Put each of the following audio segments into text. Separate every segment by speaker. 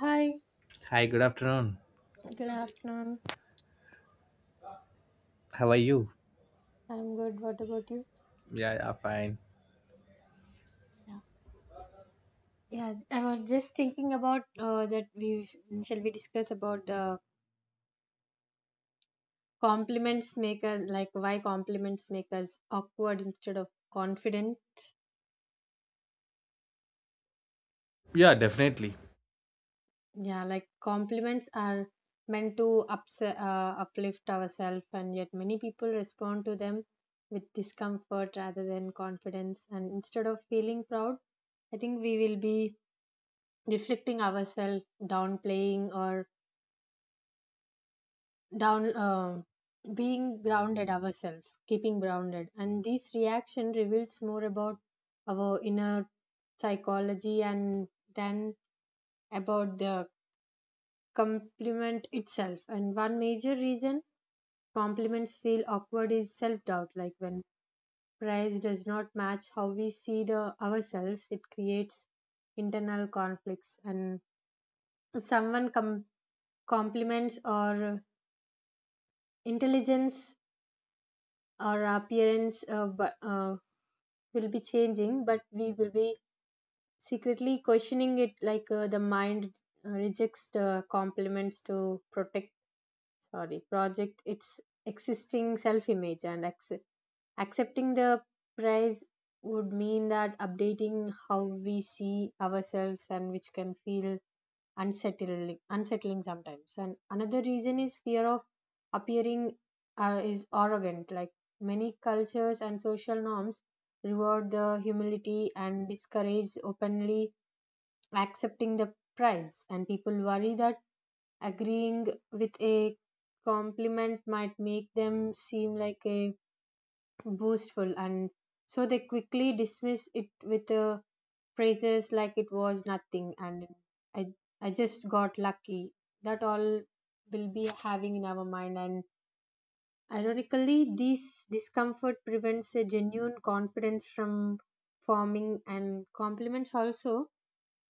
Speaker 1: Hi,
Speaker 2: Hi, good afternoon.
Speaker 1: good afternoon.
Speaker 2: How are you?
Speaker 1: I'm good. What about you?
Speaker 2: Yeah, yeah, fine.
Speaker 1: Yeah, yeah. I was just thinking about that shall we discuss about the compliments make us like why compliments make us awkward instead of confident.
Speaker 2: Yeah, definitely.
Speaker 1: Yeah, like compliments are meant to uplift ourselves, and yet many people respond to them with discomfort rather than confidence. And instead of feeling proud, I think we will be deflecting ourselves, downplaying or down being grounded ourselves keeping grounded, and this reaction reveals more about our inner psychology and then about the compliment itself. And one major reason compliments feel awkward is self doubt, like when praise does not match how we see the ourselves, it creates internal conflicts. And if compliments our intelligence or appearance but will be changing, but we will be secretly questioning it, like the mind rejects the compliments to protect, sorry, project its existing self image, and accepting the prize would mean that updating how we see ourselves and which can feel unsettling sometimes. And another reason is fear of appearing is arrogant, like many cultures and social norms reward the humility and discourage openly accepting the prize, and people worry that agreeing with a compliment might make them seem like a boastful, and so they quickly dismiss it with a praises like it was nothing and i I just got lucky, that all will be having in our mind, and ironically this discomfort prevents a genuine confidence from forming. And compliments also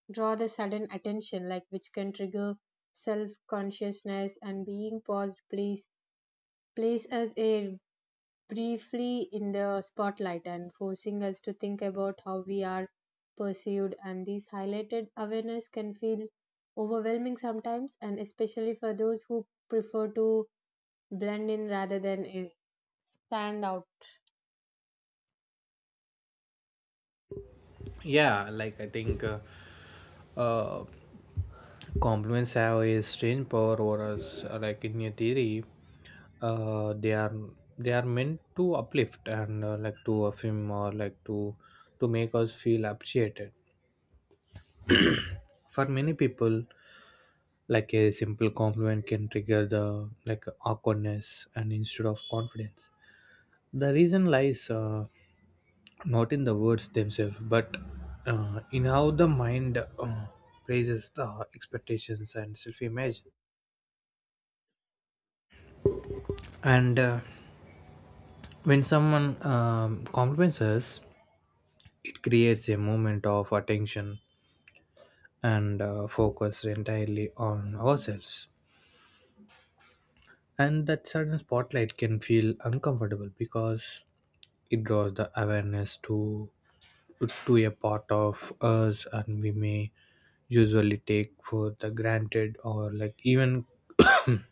Speaker 1: draw the sudden attention like which can trigger self consciousness, and being paused place as a briefly in the spotlight and forcing us to think about how we are perceived, and these highlighted awareness can feel overwhelming sometimes, and especially for those who prefer to blend in rather than stand out.
Speaker 2: Yeah, like I think uh, compliments have a strange power over us. Like in your theory, uh, they are they are meant to uplift and like to affirm or like to make us feel appreciated. For many people, like, a simple compliment can trigger the like awkwardness and instead of confidence. The reason lies, not in the words themselves but in how the mind praises the expectations and self-image. And when someone compliments us, it creates a moment of attention and focus entirely on ourselves, and that sudden spotlight can feel uncomfortable because it draws the awareness to a part of us and we may usually take for the granted or like even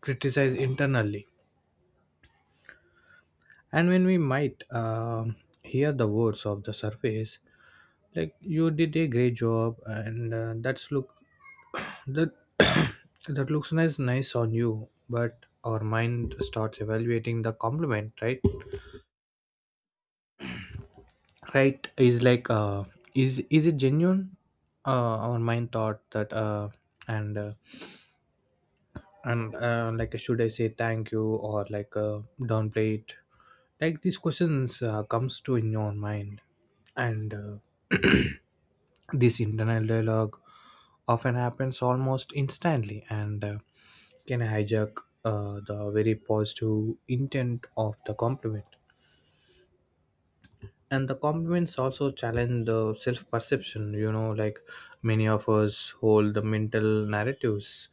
Speaker 2: criticize internally. And when we might hear the words of the surface, like, you did a great job and that's look that that looks nice on you, but our mind starts evaluating the compliment. Right right is like, is it genuine, our mind thought that, and uh, and like, should I say thank you or like, downplay it? Like, these questions comes to in your mind. And this internal dialogue often happens almost instantly and can hijack the very positive intent of the compliment. And the compliments also challenge the self perception, you know, like many of us hold the mental narratives,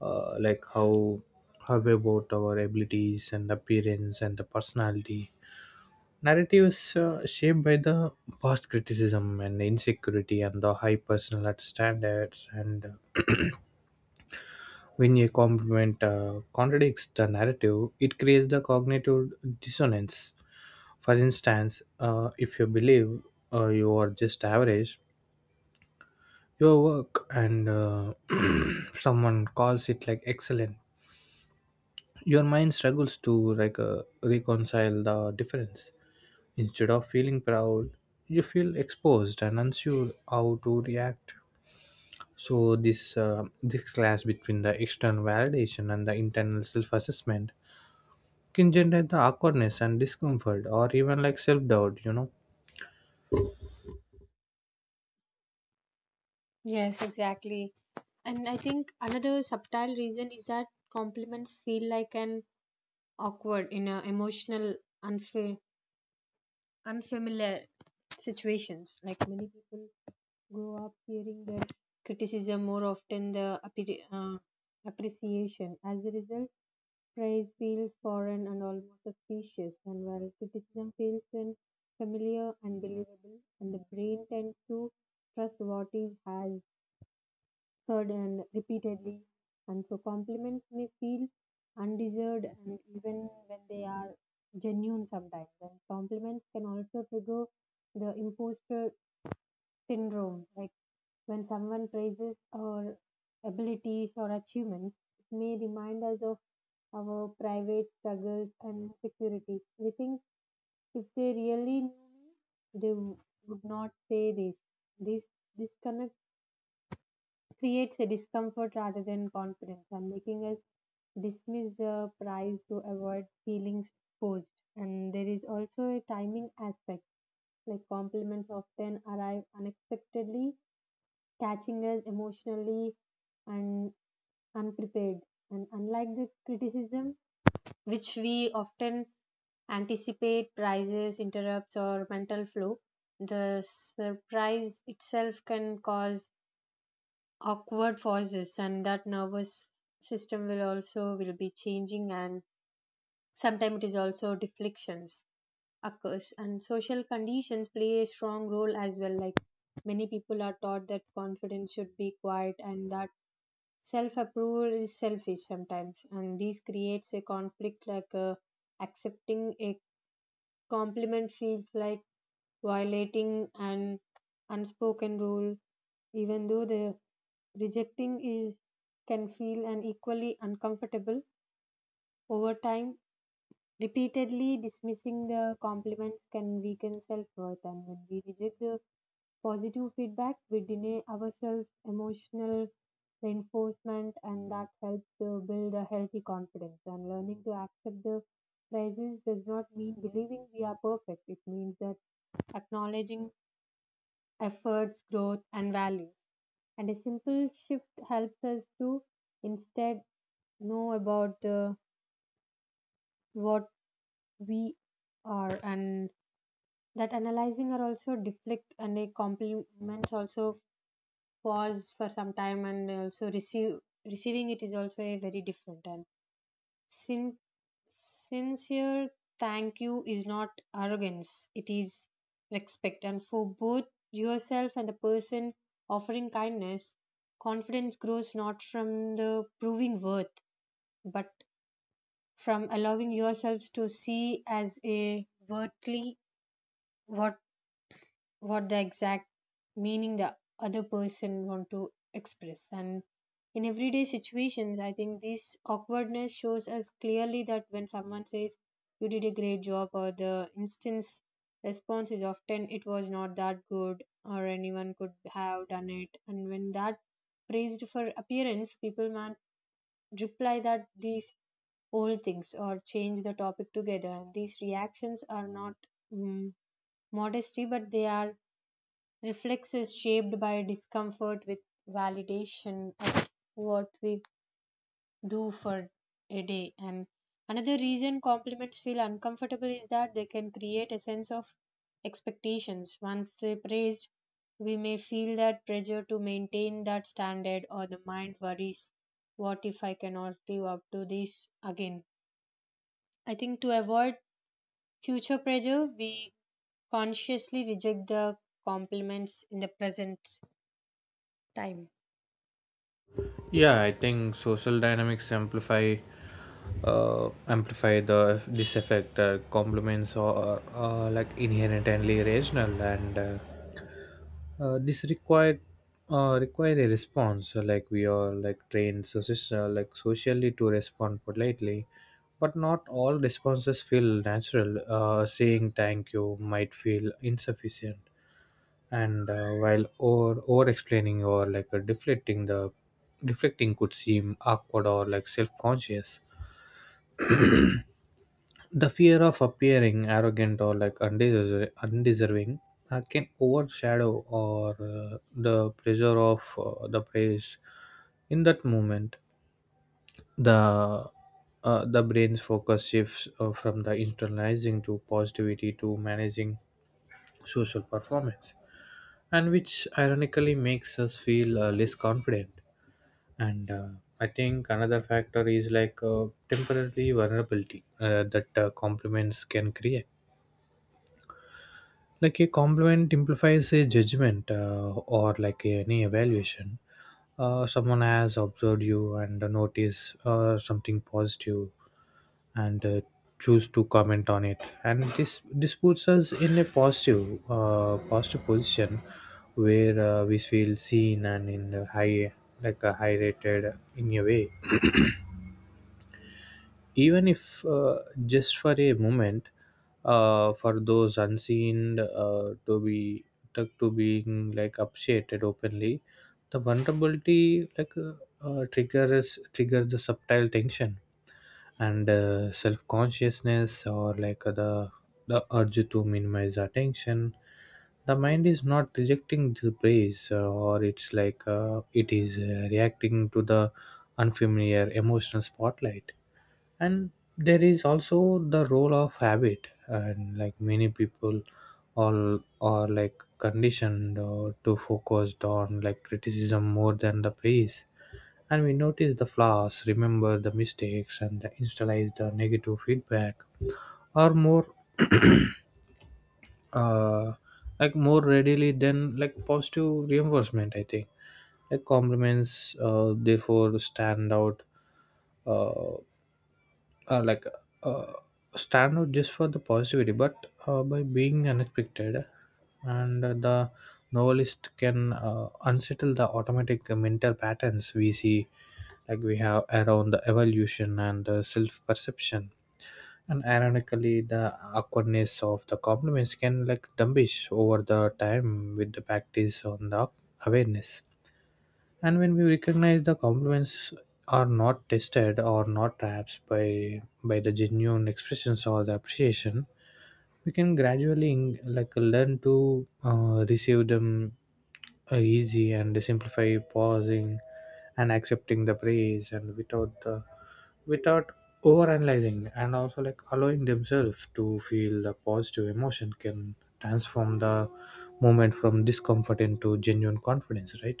Speaker 2: like how about our abilities and appearance and the personality. Narratives shaped by the past criticism and insecurity and the high personal standards. And when a compliment contradicts the narrative, it creates the cognitive dissonance. For instance, if you believe you are just average, your work, and someone calls it, like, excellent, your mind struggles to, like, reconcile the difference. Instead of feeling proud, you feel exposed and unsure how to react. So this, this clash between the external validation and the internal self assessment can generate the awkwardness and discomfort, or even like self doubt, you know.
Speaker 1: Yes, exactly. And I think another subtle reason is that compliments feel like an awkward in a emotional unfa- unfamiliar situations, like many people grow up hearing that criticism more often the appreciation. As a result, praise feels foreign and almost suspicious, and while criticism feels then familiar and believable, and the brain tends to trust what it has heard and repeatedly, and so compliments may feel undeserved, and even when they are genuine sometimes. And compliments can also trigger the imposter syndrome, like when someone praises our abilities or achievements, it may remind us of our private struggles and insecurities. We think, if they really knew me, they w- would not say this. This disconnect creates a discomfort rather than confidence and making us dismiss the prize to avoid feelings forced. And there is also a timing aspect, like compliments often arrive unexpectedly, catching us emotionally and unprepared. And unlike the criticism, which we often anticipate, rises, interrupts, or mental flow, the surprise itself can cause awkward pauses, and that nervous system will also will be changing, and sometimes it is also deflections occurs. And social conditions play a strong role as well. Like many people are taught that confidence should be quiet and that self approval is selfish sometimes, and this creates a conflict like accepting a compliment feels like violating an unspoken rule, even though the rejecting is can feel an equally uncomfortable. Over time, repeatedly dismissing the compliments can weaken self-worth, and when we reject the positive feedback, we deny ourselves emotional reinforcement, and that helps to build a healthy confidence. And learning to accept the praises does not mean believing we are perfect, it means that acknowledging efforts, growth, and value. And a simple shift helps us to instead know about what we are, and that analyzing are also deflect, and a compliments also pause for some time, and also receive receiving it is also a very different and sin- sincere thank you is not arrogance, it is respect, and for both yourself and the person offering kindness. Confidence grows not from the proving worth but from allowing yourselves to see as a worthly what what the exact meaning the other person want to express. And in everyday situations, I think this awkwardness shows us clearly that when someone says you did a great job, or the instance response is often, it was not that good, or anyone could have done it. And when that praised for appearance, people might reply that these old things or change the topic together. These reactions are not mm modesty, but they are reflex is shaped by discomfort with validation of what we do for a day. And another reason compliments feel uncomfortable is that they can create a sense of expectations. Once they praised, we may feel that pressure to maintain that standard, or the mind worries, what if I cannot live up to this again? I think to avoid future pressure, we consciously reject the compliments in the present time.
Speaker 2: Yeah, I think social dynamics amplify, amplify the this effect. Complements are, like, inherently rational and, this required, require a response. So like, we are like trained, so like socially to respond politely, but not all responses feel natural. Saying thank you might feel insufficient, and while over explaining or like deflecting the deflecting could seem awkward or like self-conscious. The fear of appearing arrogant or like undeserving can overshadow or the pressure of the praise in that moment. the the brain's focus shifts from the internalizing to positivity, to managing social performance, and which ironically makes us feel less confident. And I think another factor is like temporary vulnerability that compliments can create. Like a compliment implies a judgment or like any evaluation. Someone has observed you and noticed something positive, and choose to comment on it, and this puts us in a positive, positive position where we feel seen and in a high, like a high rated in a way, even if just for a moment. For those unseen, to be to being like appreciated openly, the vulnerability, like triggers the subtle tension and self-consciousness or like the urge to minimize attention. The mind is not rejecting the praise, or it's like it is reacting to the unfamiliar emotional spotlight. And there is also the role of habit, and like many people all are like conditioned to focused on like criticism more than the praise. And we notice the flaws, remember the mistakes, and the internalize the negative feedback are more, uh, like, more readily than like positive reinforcement, I think. Like compliments therefore stand out, uh, like, uh, stand out just for the positivity but, by being unexpected, and the novelist can unsettle the automatic mental patterns we see, like we have around the evolution and self perception. And ironically, the awkwardness of the compliments can like diminish over the time with the practice on the awareness. And when we recognize the compliments are not tested or not trapped by the genuine expressions or the appreciation, we can gradually like learn to receive them easy and simplify pausing and accepting the praise, and without the without overanalyzing, and also like allowing themselves to feel the positive emotion can transform the moment from discomfort into genuine confidence, right?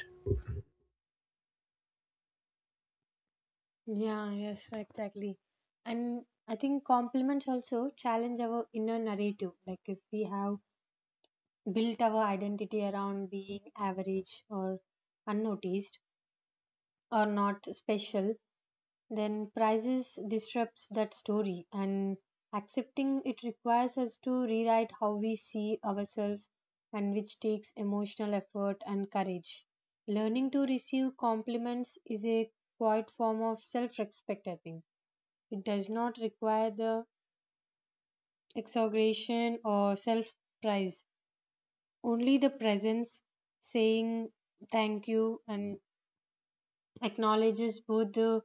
Speaker 1: Yeah, yes, exactly. And I think compliments also challenge our inner narrative. Like if we have built our identity around being average or unnoticed or not special, then prizes disrupts that story, and accepting it requires us to rewrite how we see ourselves and which takes emotional effort and courage. Learning to receive compliments is a quiet form of self-respect. I think it does not require the exaggeration or self praise, only the presence saying thank you, and acknowledges both the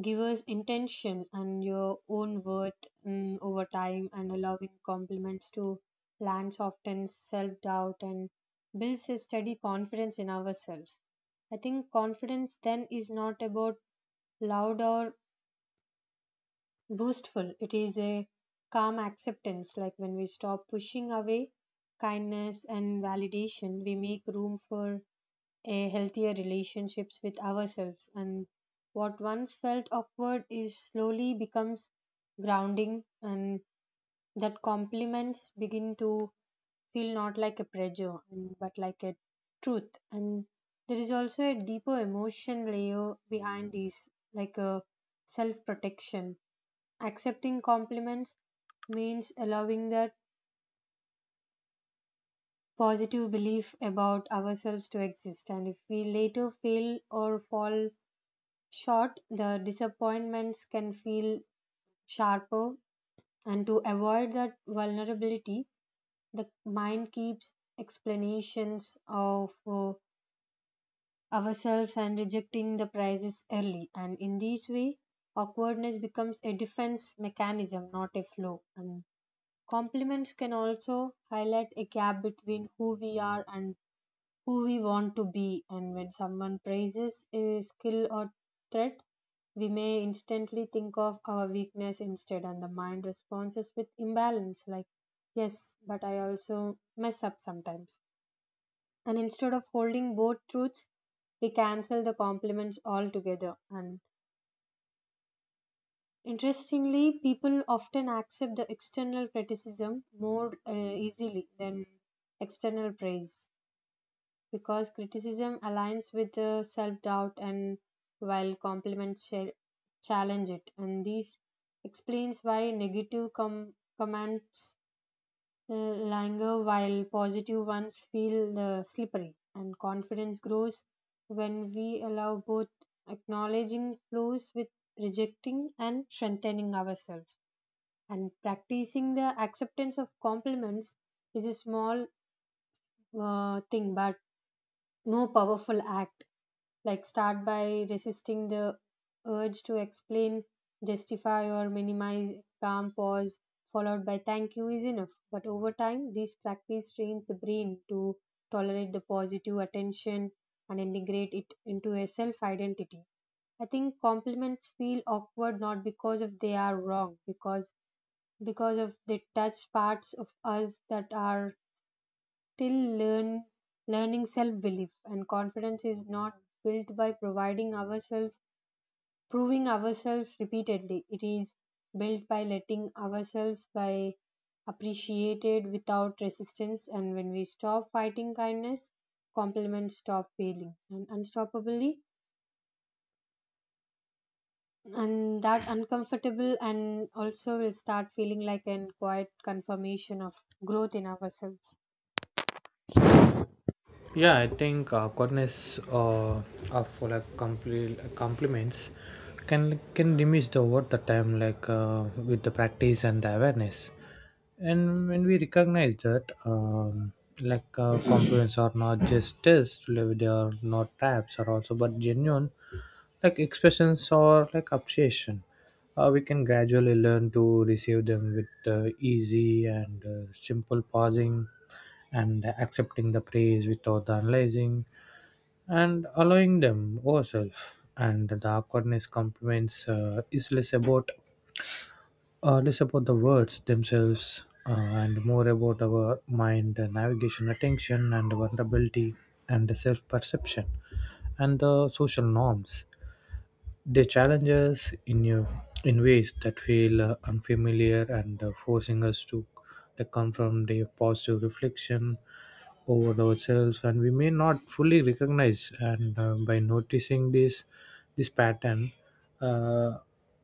Speaker 1: giver's intention and your own worth, over time, and allowing compliments to land softens self doubt and builds a steady confidence in ourselves. I think confidence then is not about loud or boastful. It is a calm acceptance, like when we stop pushing away kindness and validation, we make room for a healthier relationships with ourselves. And what once felt awkward is slowly becomes grounding, and that compliments begin to feel not like a pressure, and but like a truth. And there is also a deeper emotion layer behind these, like a self protection. Accepting compliments means allowing that positive belief about ourselves to exist, and if we later fail or fall short, the disappointments can feel sharper. And to avoid that vulnerability, the mind keeps explanations of ourselves and rejecting the prizes early. And in this way, awkwardness becomes a defense mechanism, not a flaw. And compliments can also highlight a gap between who we are and who we want to be, and when someone praises a skill or trait, we may instantly think of our weakness instead, and the mind responds with imbalance, like, yes, but I also mess up sometimes. And instead of holding both truths, we cancel the compliments altogether. And interestingly, people often accept the external criticism more easily than external praise because criticism aligns with the self doubt, and while challenge it. And this explains why negative comments linger while positive ones feel slippery. And confidence grows when we allow both acknowledging flaws with rejecting and strengthening ourselves, and practicing the acceptance of compliments is a small thing but no powerful act, like start by resisting the urge to explain, justify, or minimize. Calm pause followed by thank you is enough, but over time this practice trains the brain to tolerate the positive attention and integrate it into a self identity. I think compliments feel awkward not because of they are wrong, because of they touch parts of us that are still learn learning self belief, and confidence is not built by providing ourselves proving ourselves repeatedly, it is built by letting ourselves by appreciated without resistance, and when we stop fighting kindness, compliments stop failing and unstoppably, and that uncomfortable and also will start feeling like an quiet confirmation of growth in ourselves.
Speaker 2: Yeah, I think, goodness of like compliments can diminish the over the time, like with the practice and the awareness. And when we recognize that, like, compliments are not just tests, like, they are not traps, are also but genuine like expressions or like appreciation. We can gradually learn to receive them with easy and simple pausing and accepting the praise without the analyzing and allowing them ourselves. And the awkwardness compliments is less about, less about the words themselves, and more about our mind, navigation attention and vulnerability and the self perception and the social norms. They challenge us in a, in ways that feel unfamiliar and forcing us to like, confront a positive reflection over ourselves, and we may not fully recognize. And by noticing this pattern, uh,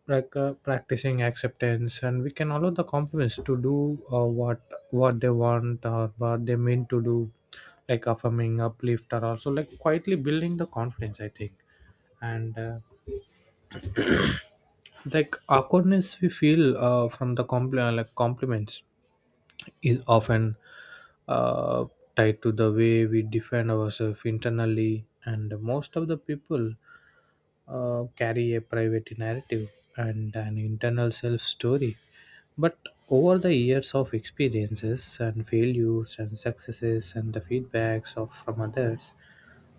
Speaker 2: like practicing acceptance, and we can allow the compliments to do what they want or what they mean to do, like affirming, uplift, or also like quietly building the confidence, I think. And like awkwardness we feel from the like compliments is often, uh, tied to the way we defend ourselves internally. And most of the people carry a private narrative and an internal self story but over the years of experiences and failures and successes and the feedbacks of from others,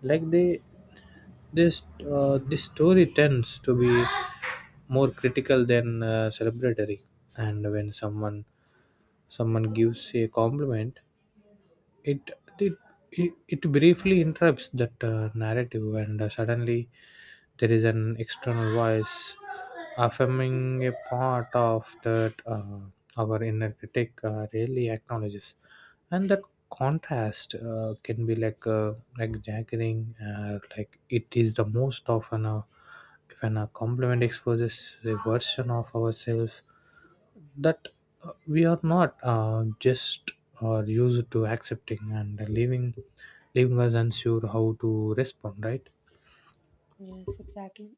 Speaker 2: like, they, this, this story tends to be more critical than celebratory. And when someone gives a compliment, it it it briefly interrupts that narrative, and suddenly there is an external voice affirming a part of that, our inner critic really acknowledges. And that contrast, can be like jaggering, like, it is the most often a, if an a compliment exposes a version of ourselves that we are not just or used to accepting, and leaving us unsure how to respond, right?
Speaker 1: Yes, exactly.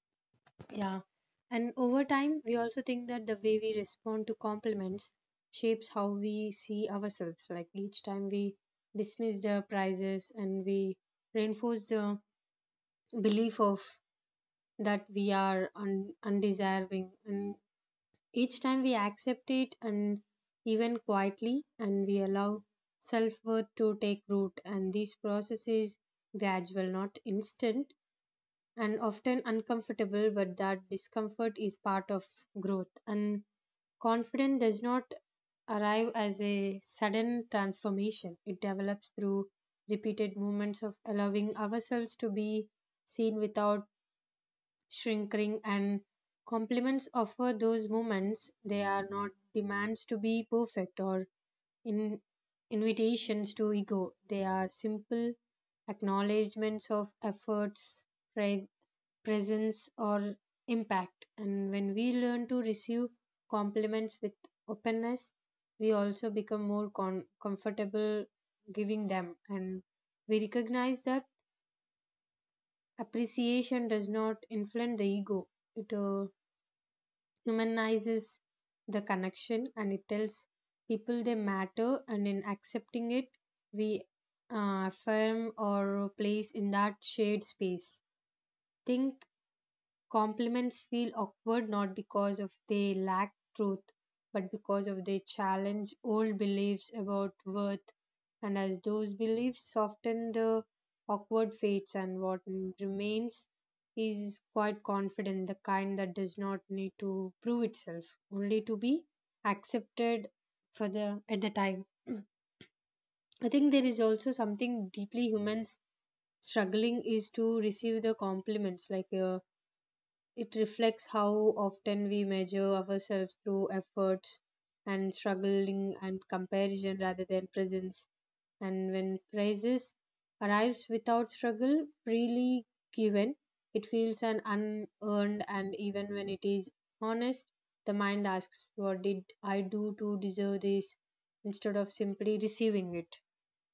Speaker 1: Yeah. And over time, we also think that the way we respond to compliments shapes how we see ourselves. Like each time we dismiss the prizes, and we reinforce the belief of that we are undeserving. And each time we accept it, and even quietly, and we allow self worth to take root. And this process is gradual, not instant, and often uncomfortable, but that discomfort is part of growth. And confidence does not arrive as a sudden transformation, it develops through repeated moments of allowing ourselves to be seen without shrinking, and compliments offer those moments. They are not demands to be perfect or in invitations to ego, they are simple acknowledgments of efforts, praise, presence or impact. And when we learn to receive compliments with openness, we also become more comfortable giving them, and we recognize that appreciation does not inflate the ego, it humanizes the connection and it tells people they matter, and in accepting it, we affirm our place in that shared space. Think compliments feel awkward not because of they lack truth, but because of they challenge old beliefs about worth. And as those beliefs soften, the awkward fades, and what remains is quite confident, the kind that does not need to prove itself, only to be accepted for the at the time. I think there is also something deeply humans struggling is to receive the compliments like. It reflects how often we measure ourselves through efforts and struggling and comparison rather than presence. And when praises arrives without struggle, freely given, it feels an unearned and even when it is honest, the mind asks, "What did I do to deserve this?" instead of simply receiving it.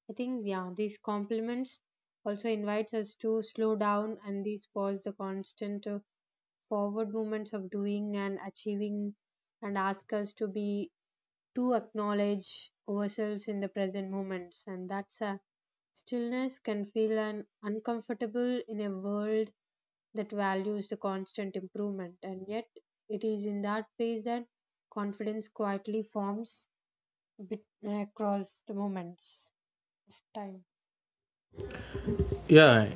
Speaker 1: I think yeah, these compliments also invites us to slow down and these pause the constant forward movements of doing and achieving and ask us to be to acknowledge ourselves in the present moments, and that's a stillness can feel an uncomfortable in a world that values the constant improvement, and yet it is in that phase that confidence quietly forms bit, across the moments of time.
Speaker 2: Yeah,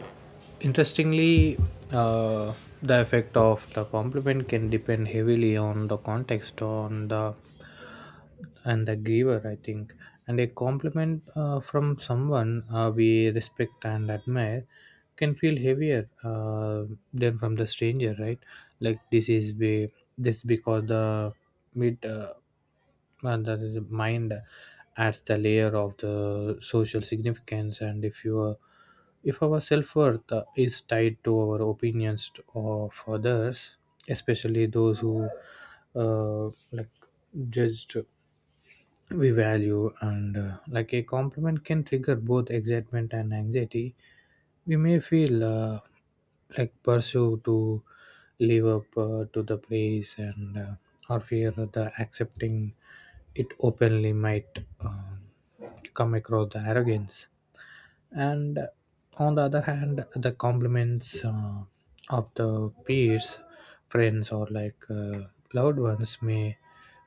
Speaker 2: interestingly, uh, the effect of the compliment can depend heavily on the context on the and the giver, I think. And a compliment from someone we respect and admire can feel heavier, than from the stranger, right? Like this is be, this because the mid and that is- mind adds the layer of the social significance. And if you are, if our self-worth is tied to our opinions of others, especially those who uh, like judged we value, and like a compliment can trigger both excitement and anxiety. We may feel like pursue to live up to the praise, and or fear the accepting it openly might um come across the arrogance. And on the other hand, the compliments of the peers, friends, or like loved ones may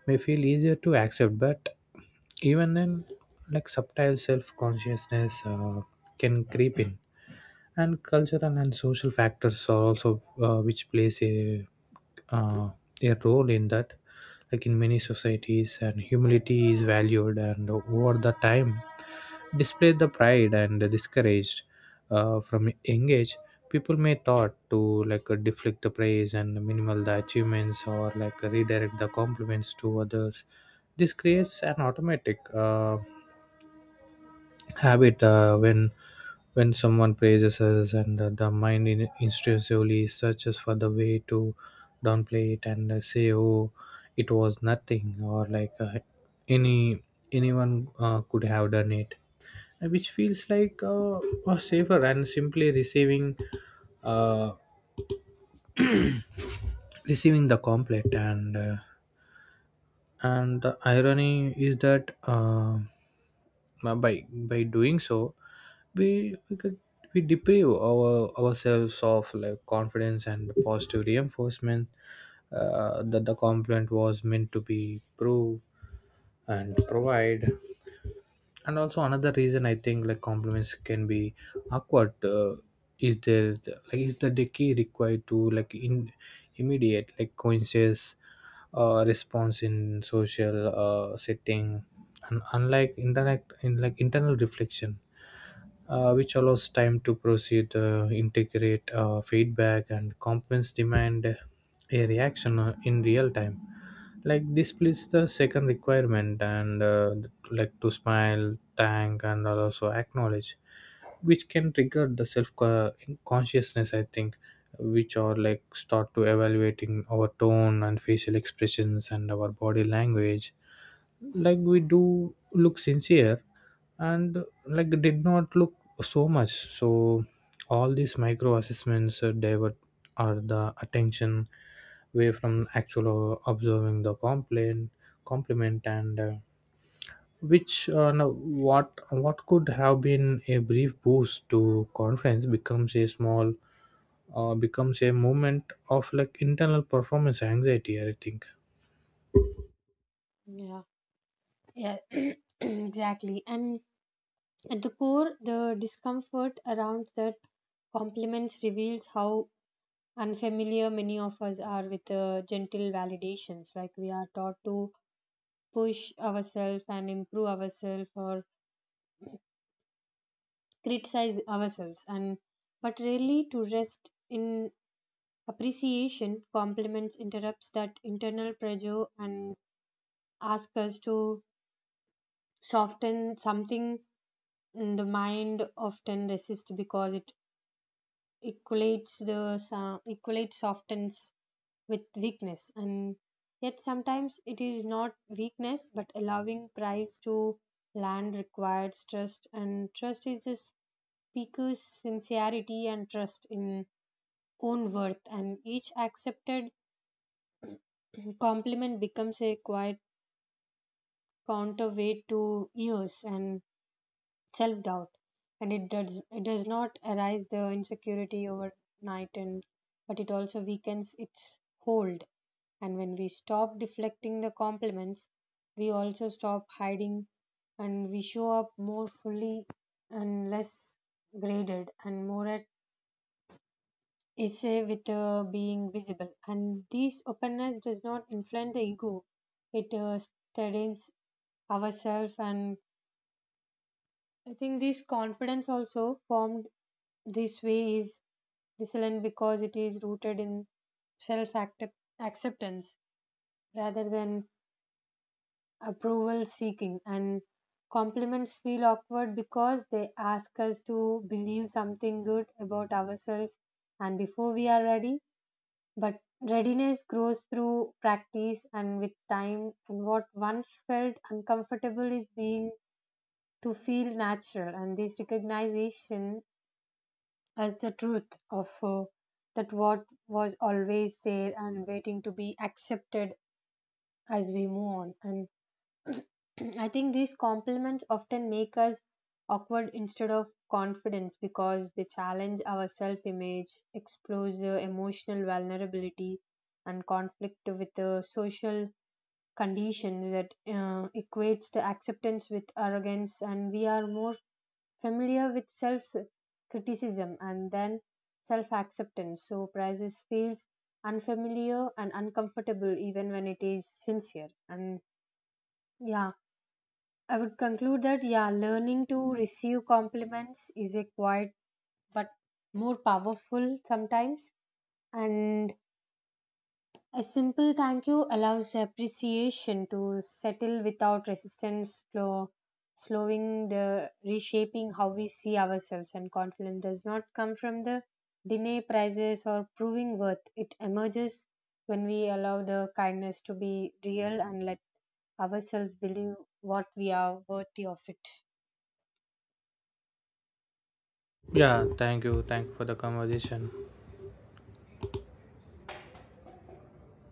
Speaker 2: feel easier to accept, but even then, like, subtle self-consciousness can creep in. And cultural and social factors are also which plays a, uh, a role in that. Like in many societies, and humility is valued and over the time displayed the pride and discouraged from engage, people may thought to like deflect the praise and minimal the achievements or like redirect the compliments to others. This creates an automatic habit. When someone praises us, and the mind in, instinctively searches for the way to downplay it, and say, oh, it was nothing, or like any anyone could have done it. Which feels like, safer and simply receiving, uh, receiving the compliment. And and the irony is that, by doing so, we we could we deprive our ourselves of like confidence and positive reinforcement that the compliment was meant to be prove and provide. And also, another reason I think like compliments can be awkward, is there, like is the decay required to like in immediate, like conscious response in social setting. And unlike interact in like internal reflection which allows time to proceed integrate feedback, and compliments demand a reaction in real time. Like this, displays the second requirement and like to smile thank and also acknowledge, which can trigger the self consciousness, I think, which are like start to evaluating our tone and facial expressions and our body language, like, we do look sincere and like did not look so much so. All these micro assessments divert are the attention away from actual, observing the complaint, compliment, and which no, what could have been a brief boost to conference becomes a small, becomes a moment of like internal performance anxiety, I think.
Speaker 1: Yeah. Yeah. Exactly. And at the core, the discomfort around that compliments reveals how unfamiliar many of us are with gentle validations. Like we are taught to push ourselves and improve ourselves or criticize ourselves, and but rarely to rest in appreciation. Compliments interrupts that internal pressure and ask us to soften something. The mind often resists because it equates the equates softens with weakness, and yet sometimes it is not weakness but allowing price to land requires trust, and trust is the speaker's sincerity and trust in own worth, and each accepted compliment becomes a quiet counterweight to yours and self doubt, and it does not arise the insecurity overnight, and but it also weakens its hold. And when we stop deflecting the compliments, we also stop hiding, and we show up more fully and less graded and more at essay with being visible. And this openness does not inflame the ego; it steadies ourselves. And I think this confidence also formed this way is resilient because it is rooted in self acceptance rather than approval seeking, and compliments feel awkward because they ask us to believe something good about ourselves and before we are ready. But readiness grows through practice and with time, and what once felt uncomfortable is being to feel natural, and this recognition as the truth of that what was always there and waiting to be accepted as we move on. And I think these compliments often make us awkward instead of confidence because they challenge our self image expose emotional vulnerability and conflict with the social conditions that equates the acceptance with arrogance, and we are more familiar with self criticism and then self acceptance. So, prices feels unfamiliar and uncomfortable even when it is sincere. And yeah, I would conclude that yeah, learning to receive compliments is a quiet but more powerful sometimes. And a simple thank you allows appreciation to settle without resistance, slow, slowing the reshaping how we see ourselves. And confidence does not come from the deny prizes or proving worth. It emerges when we allow the kindness to be real and let ourselves believe what we are worthy of it.
Speaker 2: Yeah, thank you for the conversation.